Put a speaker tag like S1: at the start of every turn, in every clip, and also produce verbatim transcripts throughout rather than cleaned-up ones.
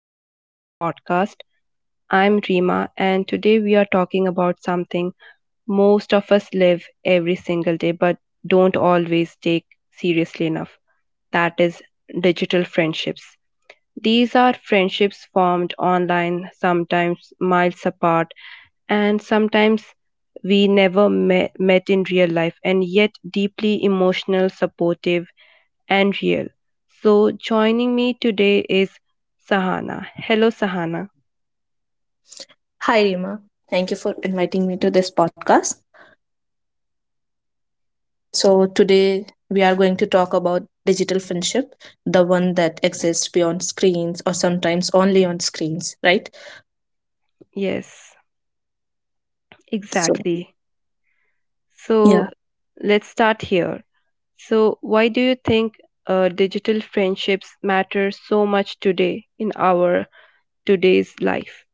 S1: welcome to the podcast. I'm Rima, and today we are talking about something most of us live every single day but don't always take seriously enough, that is, digital friendships. These are friendships formed online, sometimes miles apart, and sometimes we never me- met in real life, and yet deeply emotional, supportive, and real. So, joining me today is Sahana. Hello, Sahana.
S2: Hi, Rima. Thank you for inviting me to this podcast. So, today we are going to talk about digital friendship, the one that exists beyond screens or sometimes only on screens, right?
S1: Yes,
S2: So,
S1: exactly.
S2: yeah,
S1: So, let's start here. So, why do you think uh, digital friendships matter so much today in our today's life?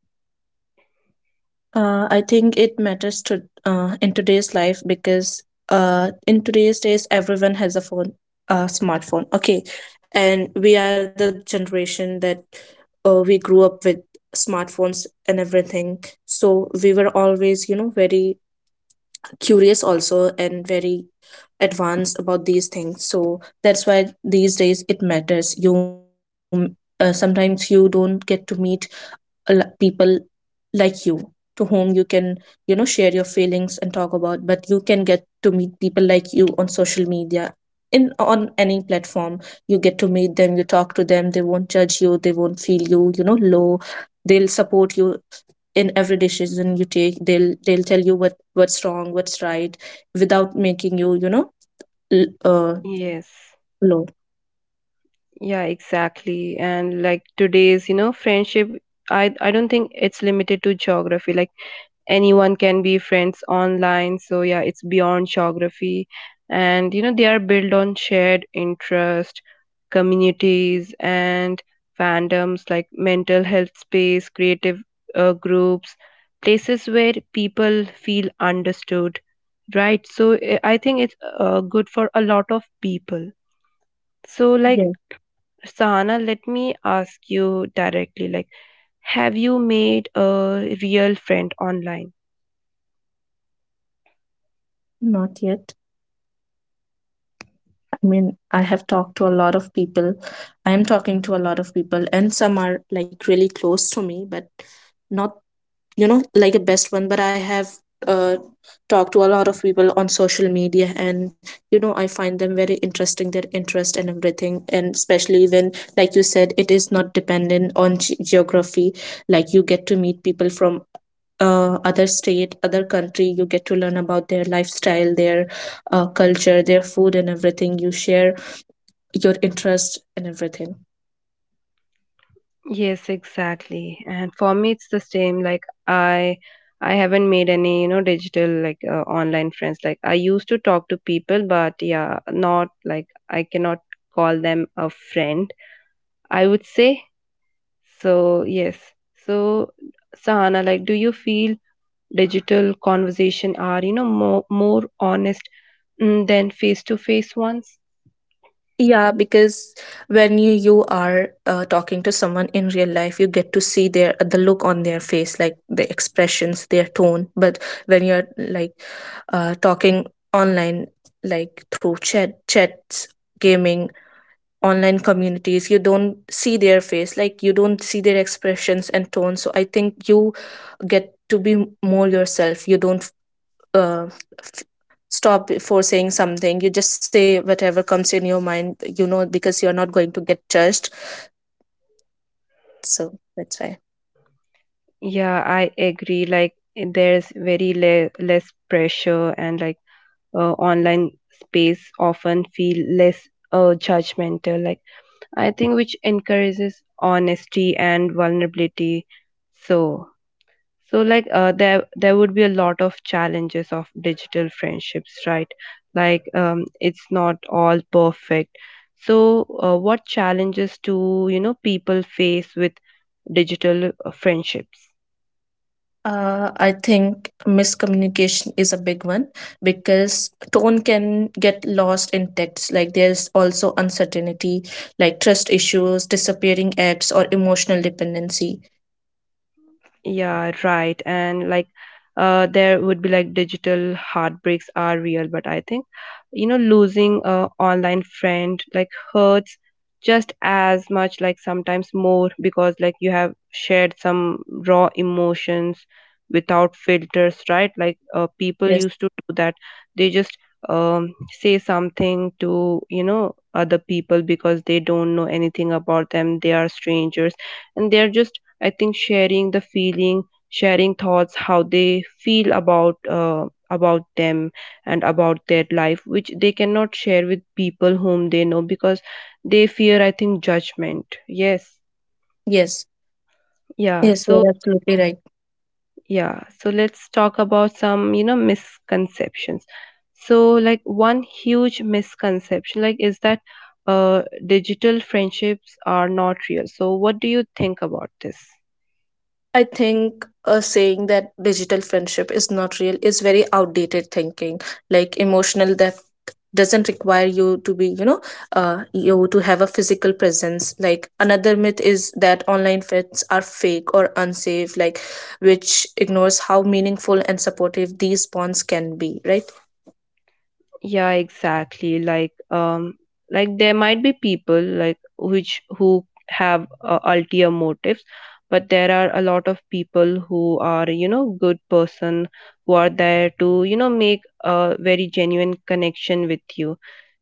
S2: uh, I think it matters to uh, in today's life because uh, in today's days, everyone has a phone, a smartphone. Okay, and we are the generation that uh, we grew up with smartphones and everything. So we were always, you know, very curious also and very advanced about these things. So that's why these days it matters. You uh, sometimes you don't get to meet a lo- people like you to whom you can you know share your feelings and talk about. But you can get to meet people like you on social media, in on any platform. You get to meet them, you talk to them, they won't judge you, they won't feel you you know low. They'll support you in every decision you take. They'll they'll tell you what what's wrong, what's right, without making you you know l- uh
S1: Yes.
S2: low.
S1: Yeah, exactly. And like today's, you know, friendship, I I don't think it's limited to geography. Like anyone can be friends online, so yeah, it's beyond geography, and you know they are built on shared interest, communities, and fandoms, like mental health space, creative uh, groups, places where people feel understood, right? So eh, i think it's uh, good for a lot of people. So like,
S2: Yes.
S1: Sahana, let me ask you directly, like, have you made a real friend online?
S2: Not yet. I mean, I have talked to a lot of people. I am talking to a lot of people, and some are like really close to me, but not you know like a best one. But I have uh, talked to a lot of people on social media, and you know I find them very interesting, their interest and everything. And especially when, like you said, it is not dependent on ge- geography. Like you get to meet people from uh, other state, other country. You get to learn about their lifestyle, their uh, culture, their food and everything. You share your interest and everything.
S1: Yes, exactly. And for me, it's the same. Like I, I haven't made any, you know, digital, like uh, online friends. Like I used to talk to people, but yeah, not like, I cannot call them a friend. I would say so. Yes. So, Sahana, like, do you feel digital conversation are, you know, more more honest mm, than face to face ones?
S2: Yeah, because when you you are uh, talking to someone in real life, you get to see their uh, the look on their face, like the expressions, their tone. But when you're like uh, talking online, like through chat, chats, gaming, online communities, you don't see their face, like you don't see their expressions and tone. So I think you get to be more yourself. You don't uh, f- stop before saying something. You just say whatever comes in your mind, you know because you're not going to get judged. So that's why.
S1: Yeah, I agree. Like there's very le- less pressure and like uh, online space often feel less uh, judgmental, like I think, which encourages honesty and vulnerability. So, so like, uh, there there would be a lot of challenges of digital friendships, right? Like um, it's not all perfect. So uh, what challenges do, you know, people face with digital uh, friendships?
S2: uh, I think miscommunication is a big one because tone can get lost in text. Like there's also uncertainty, like trust issues, disappearing acts, or emotional dependency.
S1: Yeah, right. And like, uh, there would be like, digital heartbreaks are real, but I think, you know, losing a online friend like hurts just as much, like sometimes more, because like you have shared some raw emotions without filters, right? Like, uh, people
S2: Yes,
S1: used to do that. They just um say something to, you know, other people because they don't know anything about them. They are strangers, and they're just, I think, sharing the feeling, sharing thoughts, how they feel about uh, about them and about their life, which they cannot share with people whom they know because they fear, I think, judgment. Yes,
S2: yes,
S1: yeah.
S2: yes,
S1: So
S2: you're absolutely right.
S1: yeah, so let's talk about some, you know, misconceptions. So like, one huge misconception, like, is that uh digital friendships are not real. So what do you think about this?
S2: I think uh, saying that digital friendship is not real is very outdated thinking. Like emotional depth doesn't require you to be, you know, uh, you to have a physical presence. Like another myth is that online friends are fake or unsafe, like which ignores how meaningful and supportive these bonds can be, right?
S1: Yeah, exactly. Like um like there might be people like, which who have uh, ulterior motives, but there are a lot of people who are, you know, good person, who are there to, you know, make a very genuine connection with you.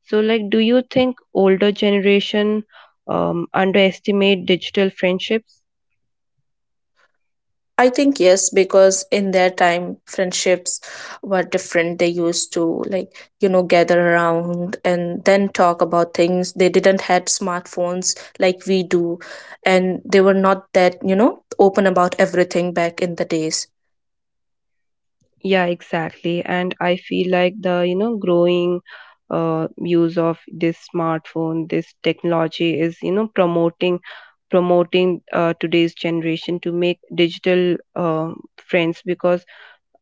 S1: So like, do you think older generation um underestimate digital friendships?
S2: I think yes, because in their time, friendships were different. They used to like, you know, gather around and then talk about things. They didn't had smartphones like we do, and they were not that, you know, open about everything back in the days.
S1: Yeah, exactly. And I feel like the, you know, growing uh, use of this smartphone, this technology is, you know, promoting promoting uh, today's generation to make digital uh, friends, because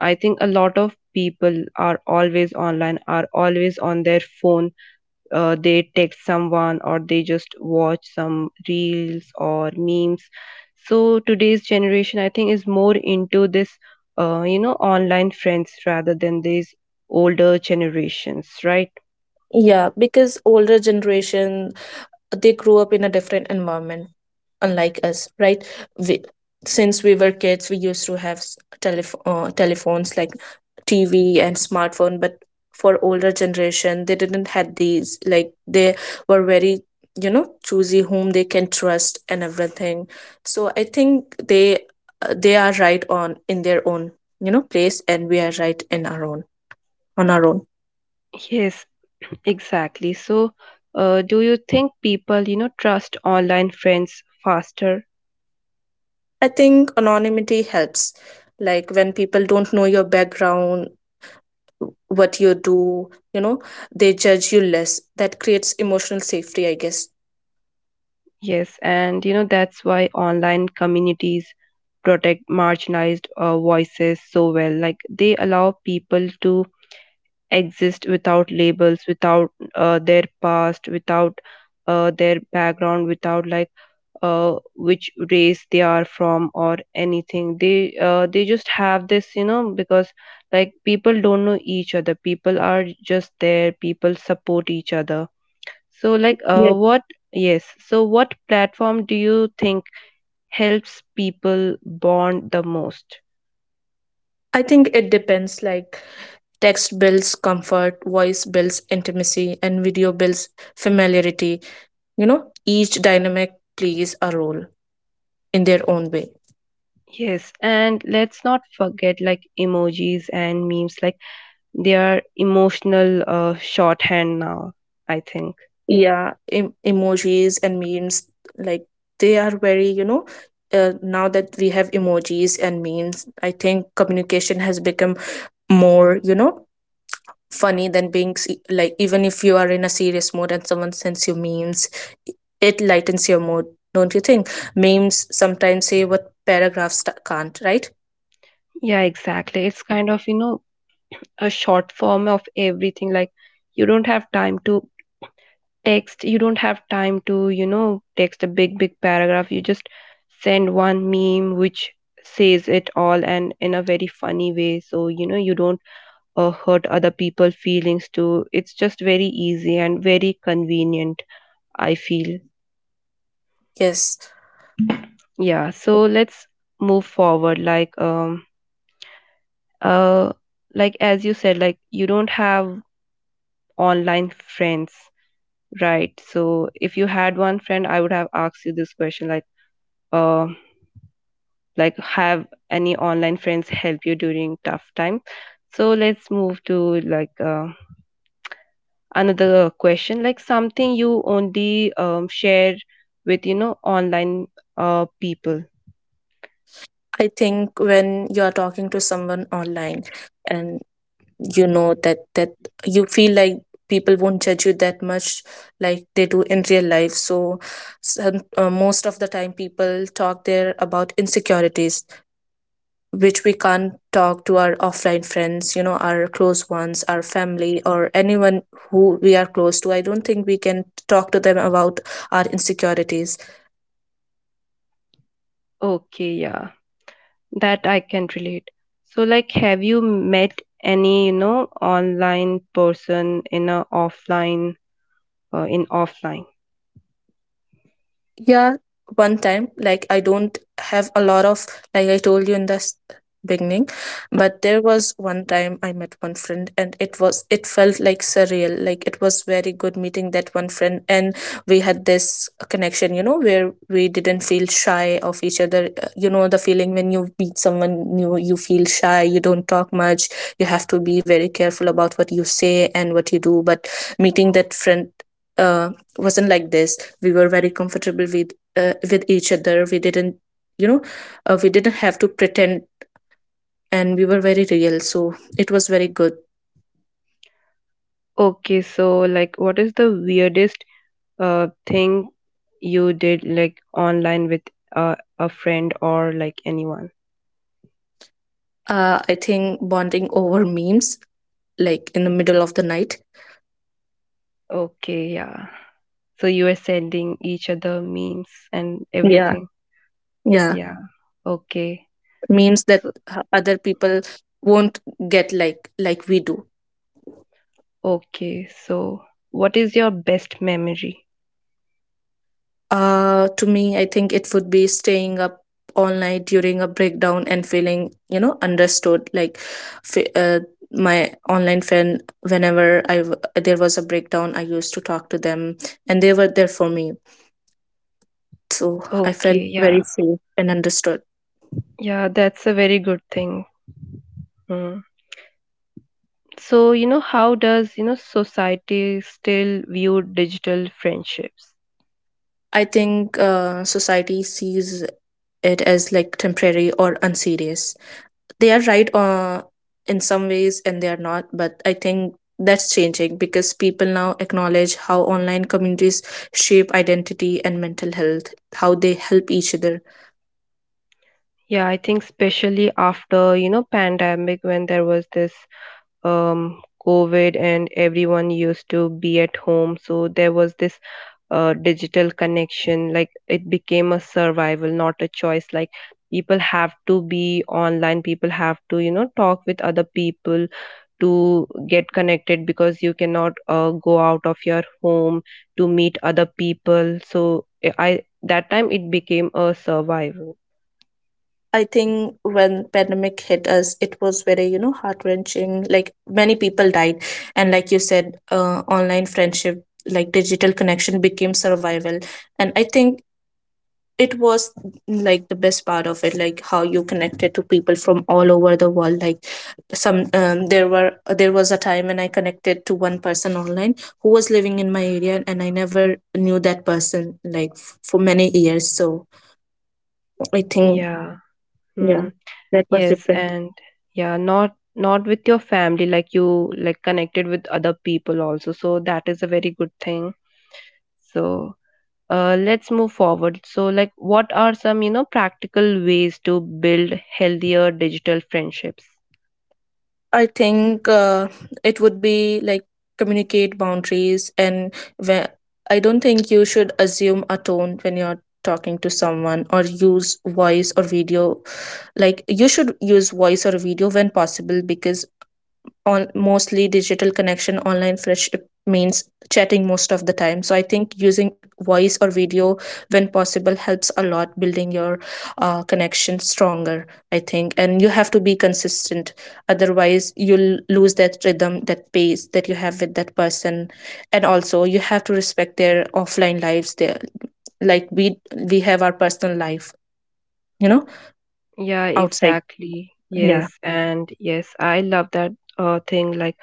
S1: I think a lot of people are always online, are always on their phone. Uh, they text someone or they just watch some reels or memes. So today's generation, I think, is more into this uh, you know, online friends rather than these older generations, right?
S2: Yeah, because older generation, they grew up in a different environment, unlike us, right? We, since we were kids, we used to have s- telef- uh, telephones like T V and smartphone, but for older generation, they didn't had these. Like they were very, you know, choosy whom they can trust and everything. So I think they uh, they are right on in their own, you know, place, and we are right in our own on our own.
S1: Yes, exactly. So uh, do you think people, you know, trust online friends faster?
S2: I think anonymity helps. Like when people don't know your background, what you do, you know, they judge you less. That creates emotional safety, I guess.
S1: Yes, and you know, that's why online communities protect marginalized uh, voices so well. Like they allow people to exist without labels, without uh, their past, without uh, their background, without like uh, which race they are from or anything. They uh, they just have this, you know, because like people don't know each other. People are just there. People support each other. So like, uh,
S2: Yes.
S1: what? Yes. So what platform do you think helps people bond the most?
S2: I think it depends. Like text builds comfort, voice builds intimacy, and video builds familiarity. You know, each dynamic plays a role in their own way.
S1: Yes, and let's not forget like emojis and memes. Like they are emotional uh, shorthand now, I think.
S2: Yeah, em- emojis and memes, like they are very, you know, uh, now that we have emojis and memes, I think communication has become more, you know, funny than being se- like, even if you are in a serious mood and someone sends you memes, it lightens your mood. Don't you think memes sometimes say what paragraphs ta- can't, right?
S1: Yeah, exactly. It's kind of, you know, a short form of everything. Like you don't have time to text, you don't have time to, you know, text a big big paragraph, you just send one meme which says it all, and in a very funny way. So you know, you don't uh, hurt other people feelings too. It's just very easy and very convenient, I feel.
S2: Yes.
S1: Yeah, so let's move forward like um uh like as you said, like you don't have online friends, right? So if you had one friend, I would have asked you this question, like uh like have any online friends help you during tough time? So let's move to like uh, another question, like something you only um, share with, you know, online uh, people.
S2: I think when you are talking to someone online and you know that that you feel like people won't judge you that much like they do in real life. So some, uh, most of the time people talk there about insecurities, which we can't talk to our offline friends, you know, our close ones, our family, or anyone who we are close to. I don't think we can talk to them about our insecurities.
S1: Okay, yeah. That I can relate. So, like, have you met any, you know, online person in a offline, uh, in offline?
S2: Yeah, one time, like I don't have a lot of, like I told you in the s- beginning, but there was one time I met one friend, and it was, it felt like surreal. Like it was very good meeting that one friend, and we had this connection, you know, where we didn't feel shy of each other. Uh, You know, the feeling when you meet someone new, you feel shy, you don't talk much, you have to be very careful about what you say and what you do. But meeting that friend, uh, wasn't like this. We were very comfortable with uh, with each other. We didn't you know uh, we didn't have to pretend, and we were very real. So it was very good.
S1: Okay, so like, what is the weirdest uh thing you did, like, online with uh, a friend or like anyone?
S2: uh, I think bonding over memes, like in the middle of the night.
S1: Okay, yeah. So you were sending each other memes and
S2: Yeah,
S1: everything.
S2: yeah.
S1: Yeah. Okay.
S2: Memes that
S1: So
S2: uh, other people won't get like like we do.
S1: okay, so what is your best memory?
S2: Uh, to me, I think it would be staying up all night during a breakdown and feeling, you know, understood. Like f- uh, my online friend, whenever I w- there was a breakdown, I used to talk to them, and they were there for me. So I felt
S1: Okay,
S2: very
S1: yeah.
S2: safe and understood.
S1: Yeah, that's a very good thing. Mm. So, you know, how does, you know, society still view digital friendships?
S2: I think uh, society sees it as like temporary or unserious. They are right uh, in some ways, and they are not, but I think that's changing because people now acknowledge how online communities shape identity and mental health, how they help each other.
S1: Yeah, I think especially after, you know, pandemic, when there was this um COVID and everyone used to be at home, so there was this uh, digital connection, like it became a survival, not a choice. Like people have to be online, people have to, you know, talk with other people to get connected, because you cannot uh, go out of your home to meet other people. So i I- that time it became a survival.
S2: I think when pandemic hit us, it was very you know heart wrenching. Like many people died, and like you said, uh, online friendship, like digital connection, became survival. And I think it was like the best part of it, like how you connected to people from all over the world. Like some um, there were there was a time when I connected to one person online who was living in my area, and I never knew that person, like f- for many years. So I think,
S1: Yeah.
S2: yeah,
S1: Hmm.
S2: that was
S1: Yes,
S2: different.
S1: and yeah, not not with your family, like you, like connected with other people also, so that is a very good thing. So uh, let's move forward. So like, what are some, you know, practical ways to build healthier digital friendships?
S2: I think uh, it would be like communicate boundaries, and when I don't think you should assume a tone when you're talking to someone or use voice or video. Like you should use voice or video when possible, because on mostly digital connection, online friendship means chatting most of the time. So I think using voice or video when possible helps a lot building your uh, connection stronger, I think. And you have to be consistent, otherwise you'll lose that rhythm, that pace that you have with that person. And also you have to respect their offline lives, there like we we have our personal life you know
S1: Yeah,
S2: outside.
S1: exactly. Yes,
S2: Yeah.
S1: and yes, I love that uh, thing, like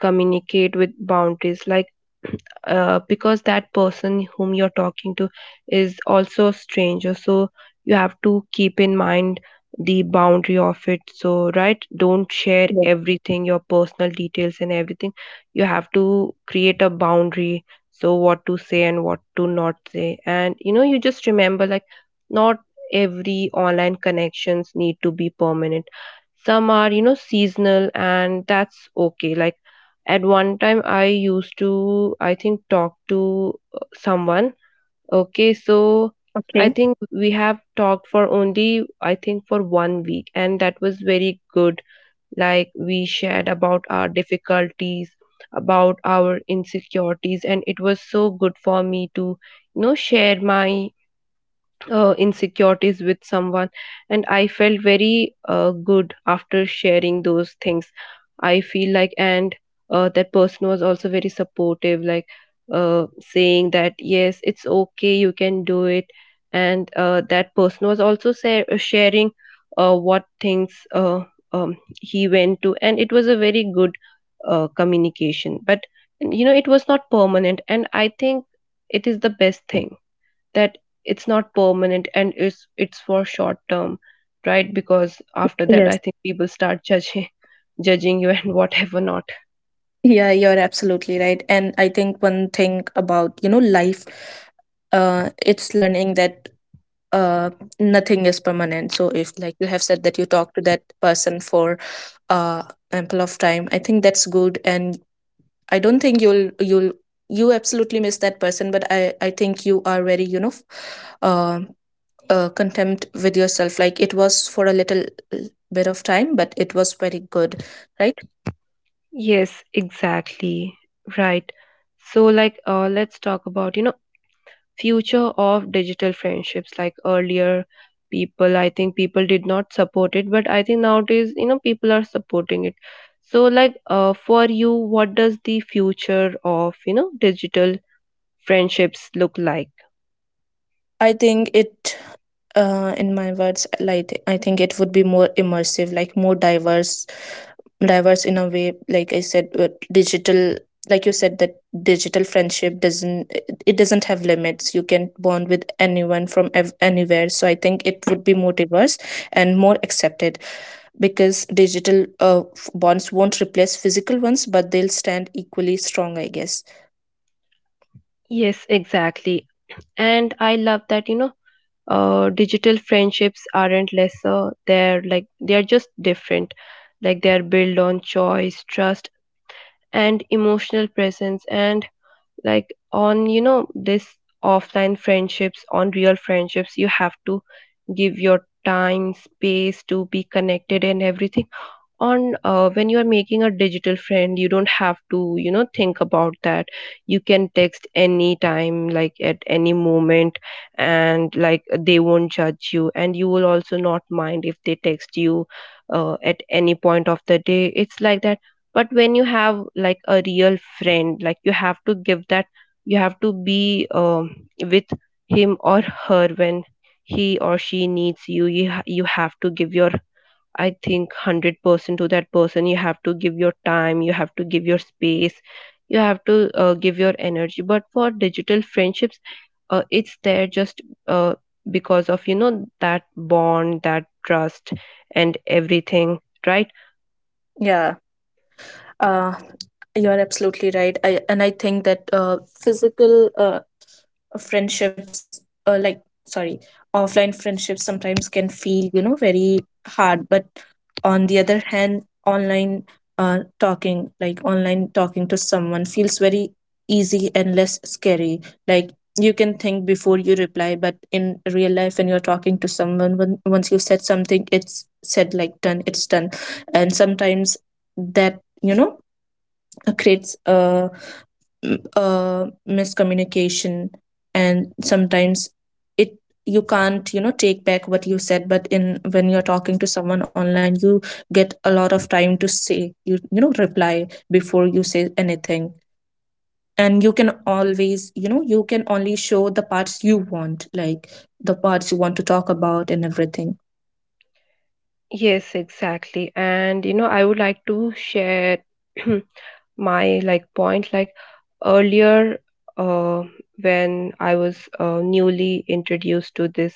S1: communicate with boundaries, like uh, because that person whom you're talking to is also a stranger, so you have to keep in mind the boundary of it. So right, don't share
S2: Yes.
S1: everything, your personal details and everything. You have to create a boundary, so what to say and what to not say. And you know, you just remember, like, not every online connections need to be permanent. Some are, you know, seasonal, and that's okay. Like at one time, I used to, I think, talk to uh, someone. Okay, so I
S2: Okay.
S1: think we have talked for only, I think, for one week, and that was very good. Like, we shared about our difficulties, about our insecurities, and it was so good for me to, you know, share my uh, insecurities with someone, and I felt very uh, good after sharing those things, I feel like. And uh, that person was also very supportive, like uh, saying that, yes, it's okay, you can do it. And uh, that person was also sa- uh, sharing uh, what things uh, um, he went to, and it was a very good uh, communication. But you know, it was not permanent, and I think it is the best thing that it's not permanent, and it's it's for short term, right? Because after that, I
S2: Yes.
S1: think people start judging judging you and whatever not.
S2: Yeah, you're absolutely right. And I think one thing about, you know, life, uh, it's learning that uh, nothing is permanent. So if, like you have said, that you talk to that person for uh ample of time, I think that's good. And I don't think you'll you'll you absolutely miss that person, but I I think you are very, you know, uh, uh, contempt with yourself. Like it was for a little uh, bit of time, but it was very good, right?
S1: Yes, exactly. Right. So like, uh let's talk about, you know, future of digital friendships. Like earlier people, I think people did not support it, but I think nowadays, you know, people are supporting it. So like, uh for you, what does the future of, you know, digital friendships look like?
S2: I think it uh, in my words, like, I think it would be more immersive, like more diverse, diverse in a way. Like I said, with digital, like you said that digital friendship doesn't it it doesn't have limits. You can bond with anyone from ev- anywhere, so I think it would be more diverse and more accepted, because digital uh, f- bonds won't replace physical ones, but they'll stand equally strong, I guess.
S1: Yes, exactly. And I love that, you know, uh, digital friendships aren't lesser. They're like, they're just different. Like, they're built on choice, trust, and emotional presence. And like, on, you know, this offline friendships, on real friendships, you have to give your time, space to be connected and everything. On uh, when you are making a digital friend, you don't have to, you know, think about that. You can text anytime, like at any moment, and like they won't judge you, and you will also not mind if they text you uh, at any point of the day. It's like that. But when you have like a real friend, like you have to give that, you have to be um, with him or her. When he or she needs you, you, ha- you have to give your, I think, one hundred percent to that person. You have to give your time, you have to give your space, you have to uh, give your energy. But for digital friendships, uh, it's there just uh, because of, you know, that bond, that trust, and everything, right?
S2: Yeah, uh, you're absolutely right. I, and I think that uh, physical uh, friendships, uh, like, sorry, offline friendships sometimes can feel, you know, very hard. But on the other hand, online, uh, talking, like online talking to someone feels very easy and less scary. Like, you can think before you reply, but in real life when you're talking to someone, when, once you said something, it's said, like, done, it's done. And sometimes that, you know, creates a uh, miscommunication. And sometimes it, you can't, you know, take back what you said. But in, when you're talking to someone online, you get a lot of time to say you, you know, reply before you say anything. And you can always, you know, you can only show the parts you want, like the parts you want to talk about and everything.
S1: Yes, exactly. And you know, I would like to share my like point, like earlier, uh when I was uh, newly introduced to this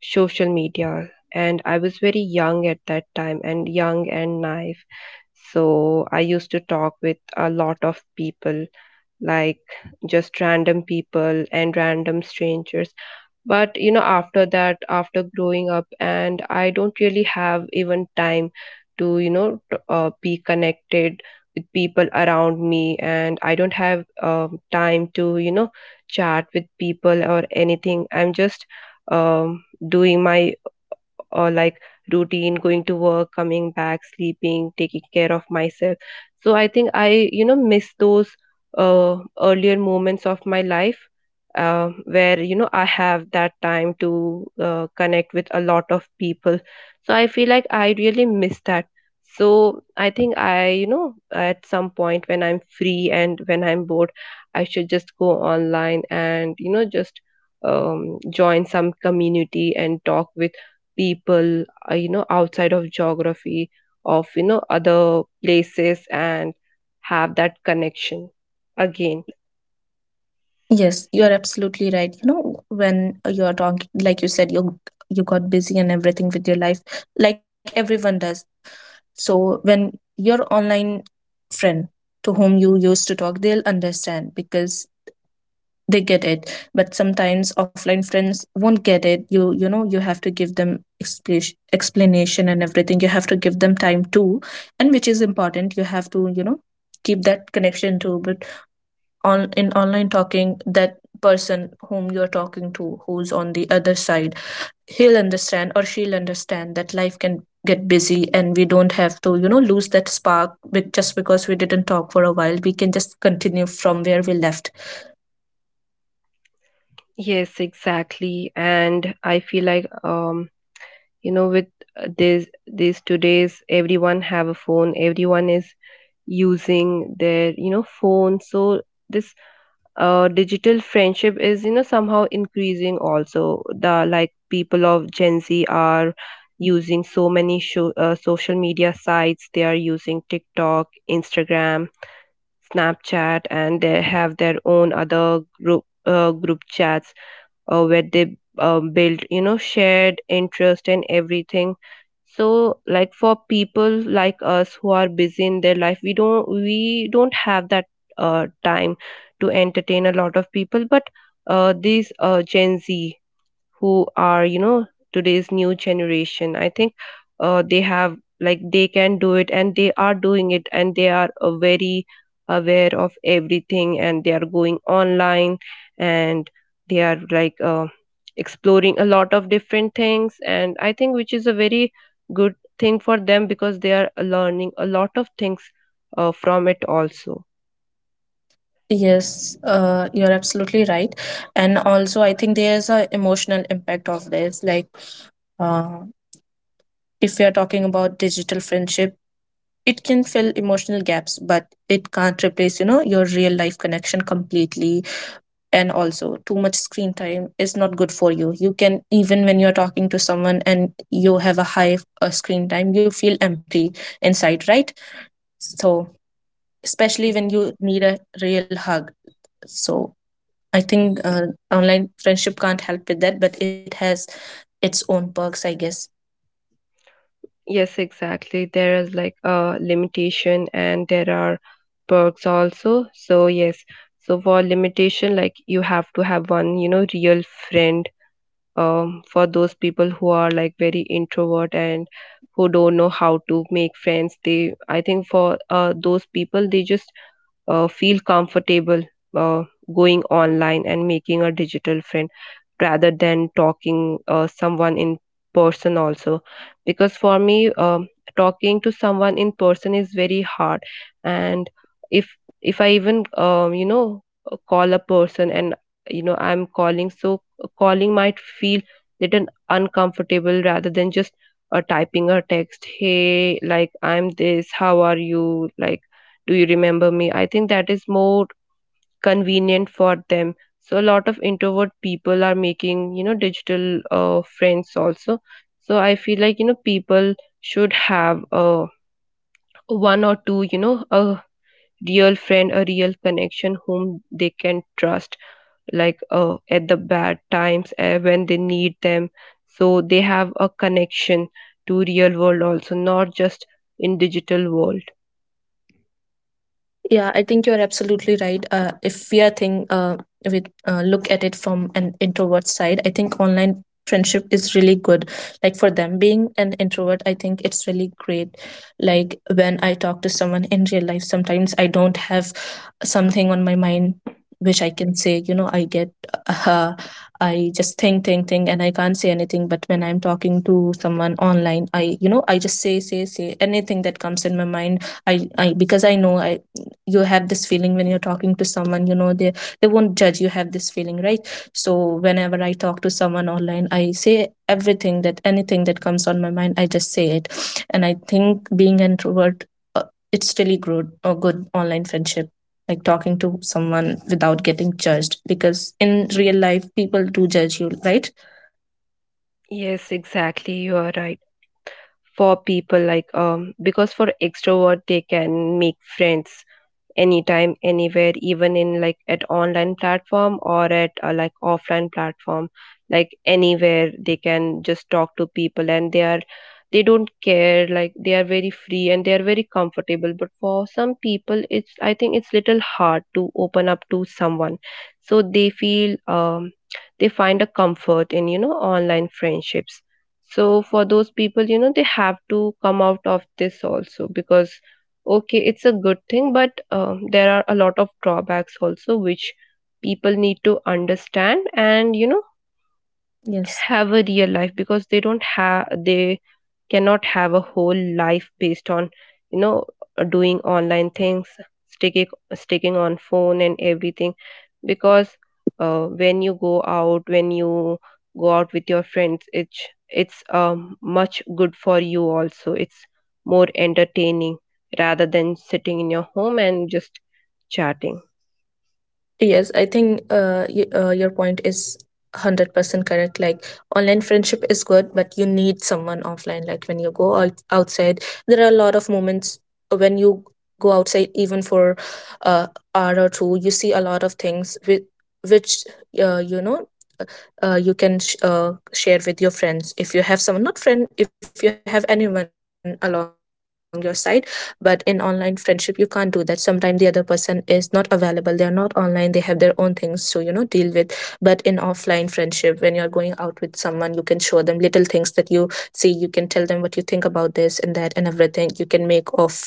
S1: social media, and I was very young at that time, and young and naive. So I used to talk with a lot of people, like just random people and random strangers. But you know after that, after growing up, and I don't really have even time to you know t- uh, be connected with people around me, and I don't have um, time to you know chat with people or anything. I'm just um, doing my uh, like routine, going to work, coming back, sleeping, taking care of myself. So I think I you know miss those uh, earlier moments of my life, uh, where you know I have that time to uh, connect with a lot of people. So I feel like I really miss that. So I think I, you know at some point when I'm free and when I'm bored, I should just go online and you know just um, join some community and talk with people, uh, you know outside of geography, of you know other places, and have that connection again.
S2: Yes, you are absolutely right. You know, when you're talking, like you said, you you got busy and everything with your life, like everyone does. So when your online friend to whom you used to talk, they'll understand because they get it. But sometimes offline friends won't get it. You you know, you have to give them expla- explanation and everything. You have to give them time too, and which is important. You have to, you know, keep that connection too. But on in online talking, that person whom you're talking to, who's on the other side, he'll understand or she'll understand that life can get busy and we don't have to, you know, lose that spark be- just because we didn't talk for a while. We can just continue from where we left.
S1: Yes, exactly. And I feel like, um you know with uh, this these today's everyone have a phone, everyone is using their you know phone. So this uh, digital friendship is you know somehow increasing also. The like people of Gen Z are using so many sho- uh, social media sites. They are using TikTok, Instagram, Snapchat, and they have their own other group uh, group chats, uh, where they uh, build you know shared interest and everything. So like for people like us who are busy in their life, we don't we don't have that uh, time to entertain a lot of people. But uh, these uh, Gen Z, who are you know today's new generation, I think uh, they have, like, they can do it, and they are doing it, and they are uh, very aware of everything, and they are going online, and they are like uh, exploring a lot of different things. And I think, which is a very good thing for them, because they are learning a lot of things uh, from it also.
S2: Yes, uh, you're absolutely right. And also I think there's a emotional impact of this, like, uh, if we are talking about digital friendship, it can fill emotional gaps, but it can't replace, you know, your real life connection completely. And also too much screen time is not good for you. You can, even when you're talking to someone and you have a high uh, screen time, you feel empty inside, right? So especially when you need a real hug. So I think uh, online friendship can't help with that, but it has its own perks, I guess.
S1: Yes, exactly. There is like a limitation, and there are perks also. So yes, so for limitation, like you have to have one, you know, real friend, um for those people who are like very introvert and who don't know how to make friends. They I think for uh those people, they just uh, feel comfortable uh, going online and making a digital friend, rather than talking uh, someone in person also, because for me, um, talking to someone in person is very hard. And if if I even um, you know uh, call a person, and you know I'm calling, so uh, calling might feel little uncomfortable, rather than just uh, typing a text, hey, like I'm this, how are you, like, do you remember me? I think that is more convenient for them. So a lot of introvert people are making, you know, digital uh, friends also. So I feel like, you know, people should have uh, one or two, you know, a real friend, a real connection whom they can trust, like uh, at the bad times, uh, when they need them. So they have a connection to real world also, not just in digital world.
S2: Yeah, I think you are absolutely right. Uh, if we are think, uh, if we uh, look at it from an introvert side, I think online friendship is really good. Like for them, being an introvert, I think it's really great. Like when I talk to someone in real life, sometimes I don't have something on my mind which I can say. You know, I get, uh, I just think, think, think, and I can't say anything. But when I'm talking to someone online, I, you know, I just say, say, say anything that comes in my mind. I, I Because I know I you have this feeling when you're talking to someone, you know, they they won't judge, you have this feeling, right? So whenever I talk to someone online, I say everything, that anything that comes on my mind, I just say it. And I think being an introvert, uh, it's really good, a good online friendship. Like talking to someone without getting judged, because in real life people do judge you, right?
S1: Yes, exactly. You are right. For people like, um because for extrovert, they can make friends anytime, anywhere, even in, like, at online platform, or at uh, like offline platform, like anywhere they can just talk to people. And they are they don't care, like they are very free and they are very comfortable. But for some people, it's, I think, it's little hard to open up to someone. So they feel um they find a comfort in, you know online friendships. So for those people, you know they have to come out of this also. Because, okay, it's a good thing, but um, there are a lot of drawbacks also, which people need to understand, and you know
S2: Yes.
S1: have a real life. Because they don't have they cannot have a whole life based on, you know doing online things, sticking sticking on phone and everything. Because uh, when you go out when you go out with your friends, it's it's um, much good for you also, it's more entertaining, rather than sitting in your home and just chatting.
S2: Yes, I think uh, y- uh, your point is one hundred percent correct. Like, online friendship is good, but you need someone offline. Like, when you go out- outside, there are a lot of moments when you go outside, even for a hour or two, you see a lot of things with which, uh, you know, uh, you can sh- uh, share with your friends if you have someone, not friend, if you have anyone along your side. But in online friendship you can't do that. Sometimes the other person is not available, they are not online, they have their own things to, you know, deal with. But in offline friendship, when you're going out with someone, you can show them little things that you see, you can tell them what you think about this and that and everything. You can make of,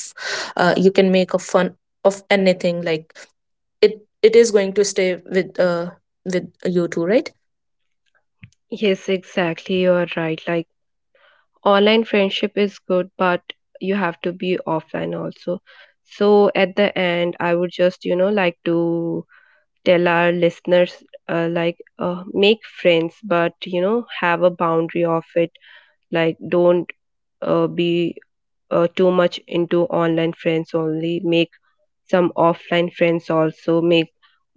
S2: uh, you can make of fun of anything. Like, it it is going to stay with uh with you too, right?
S1: Yes, exactly, you are right. Like, online friendship is good, but you have to be offline also. So at the end, I would just, you know like to tell our listeners, uh, like, uh, make friends, but you know have a boundary of it. Like, don't uh, be uh, too much into online friends only. Make some offline friends also. Make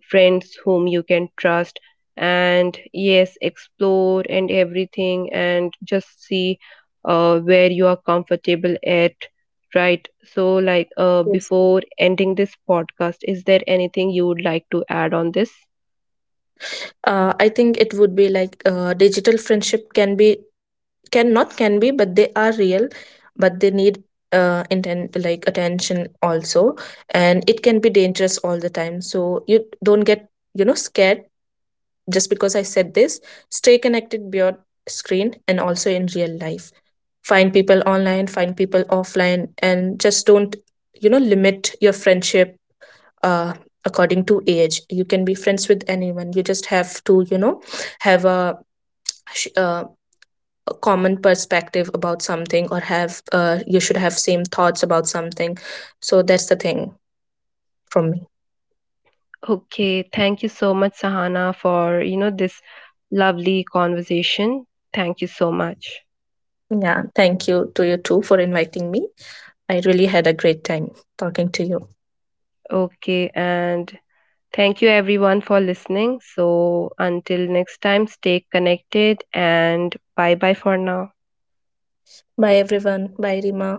S1: friends whom you can trust, and yes, explore and everything, and just see uh, where you are comfortable at. Right. So, like, uh, before ending this podcast, is there anything you would like to add on this?
S2: uh, I think it would be like, uh, digital friendship can be, can not can be, but they are real, but they need uh, intent, like attention also. And it can be dangerous all the time, so you don't get, you know, scared just because I said this. Stay connected beyond screen and also in real life. Find people online, find people offline, and just don't, you know, limit your friendship uh, according to age. You can be friends with anyone. You just have to, you know, have a, sh- uh, a common perspective about something, or have uh, you should have same thoughts about something. So that's the thing from me.
S1: Okay, thank you so much, Sahana, for, you know, this lovely conversation. Thank you so much.
S2: Yeah, thank you to you too for inviting me. I really had a great time talking to you.
S1: Okay, and thank you everyone for listening. So, until next time, stay connected, and bye bye for now.
S2: Bye everyone, bye Rima.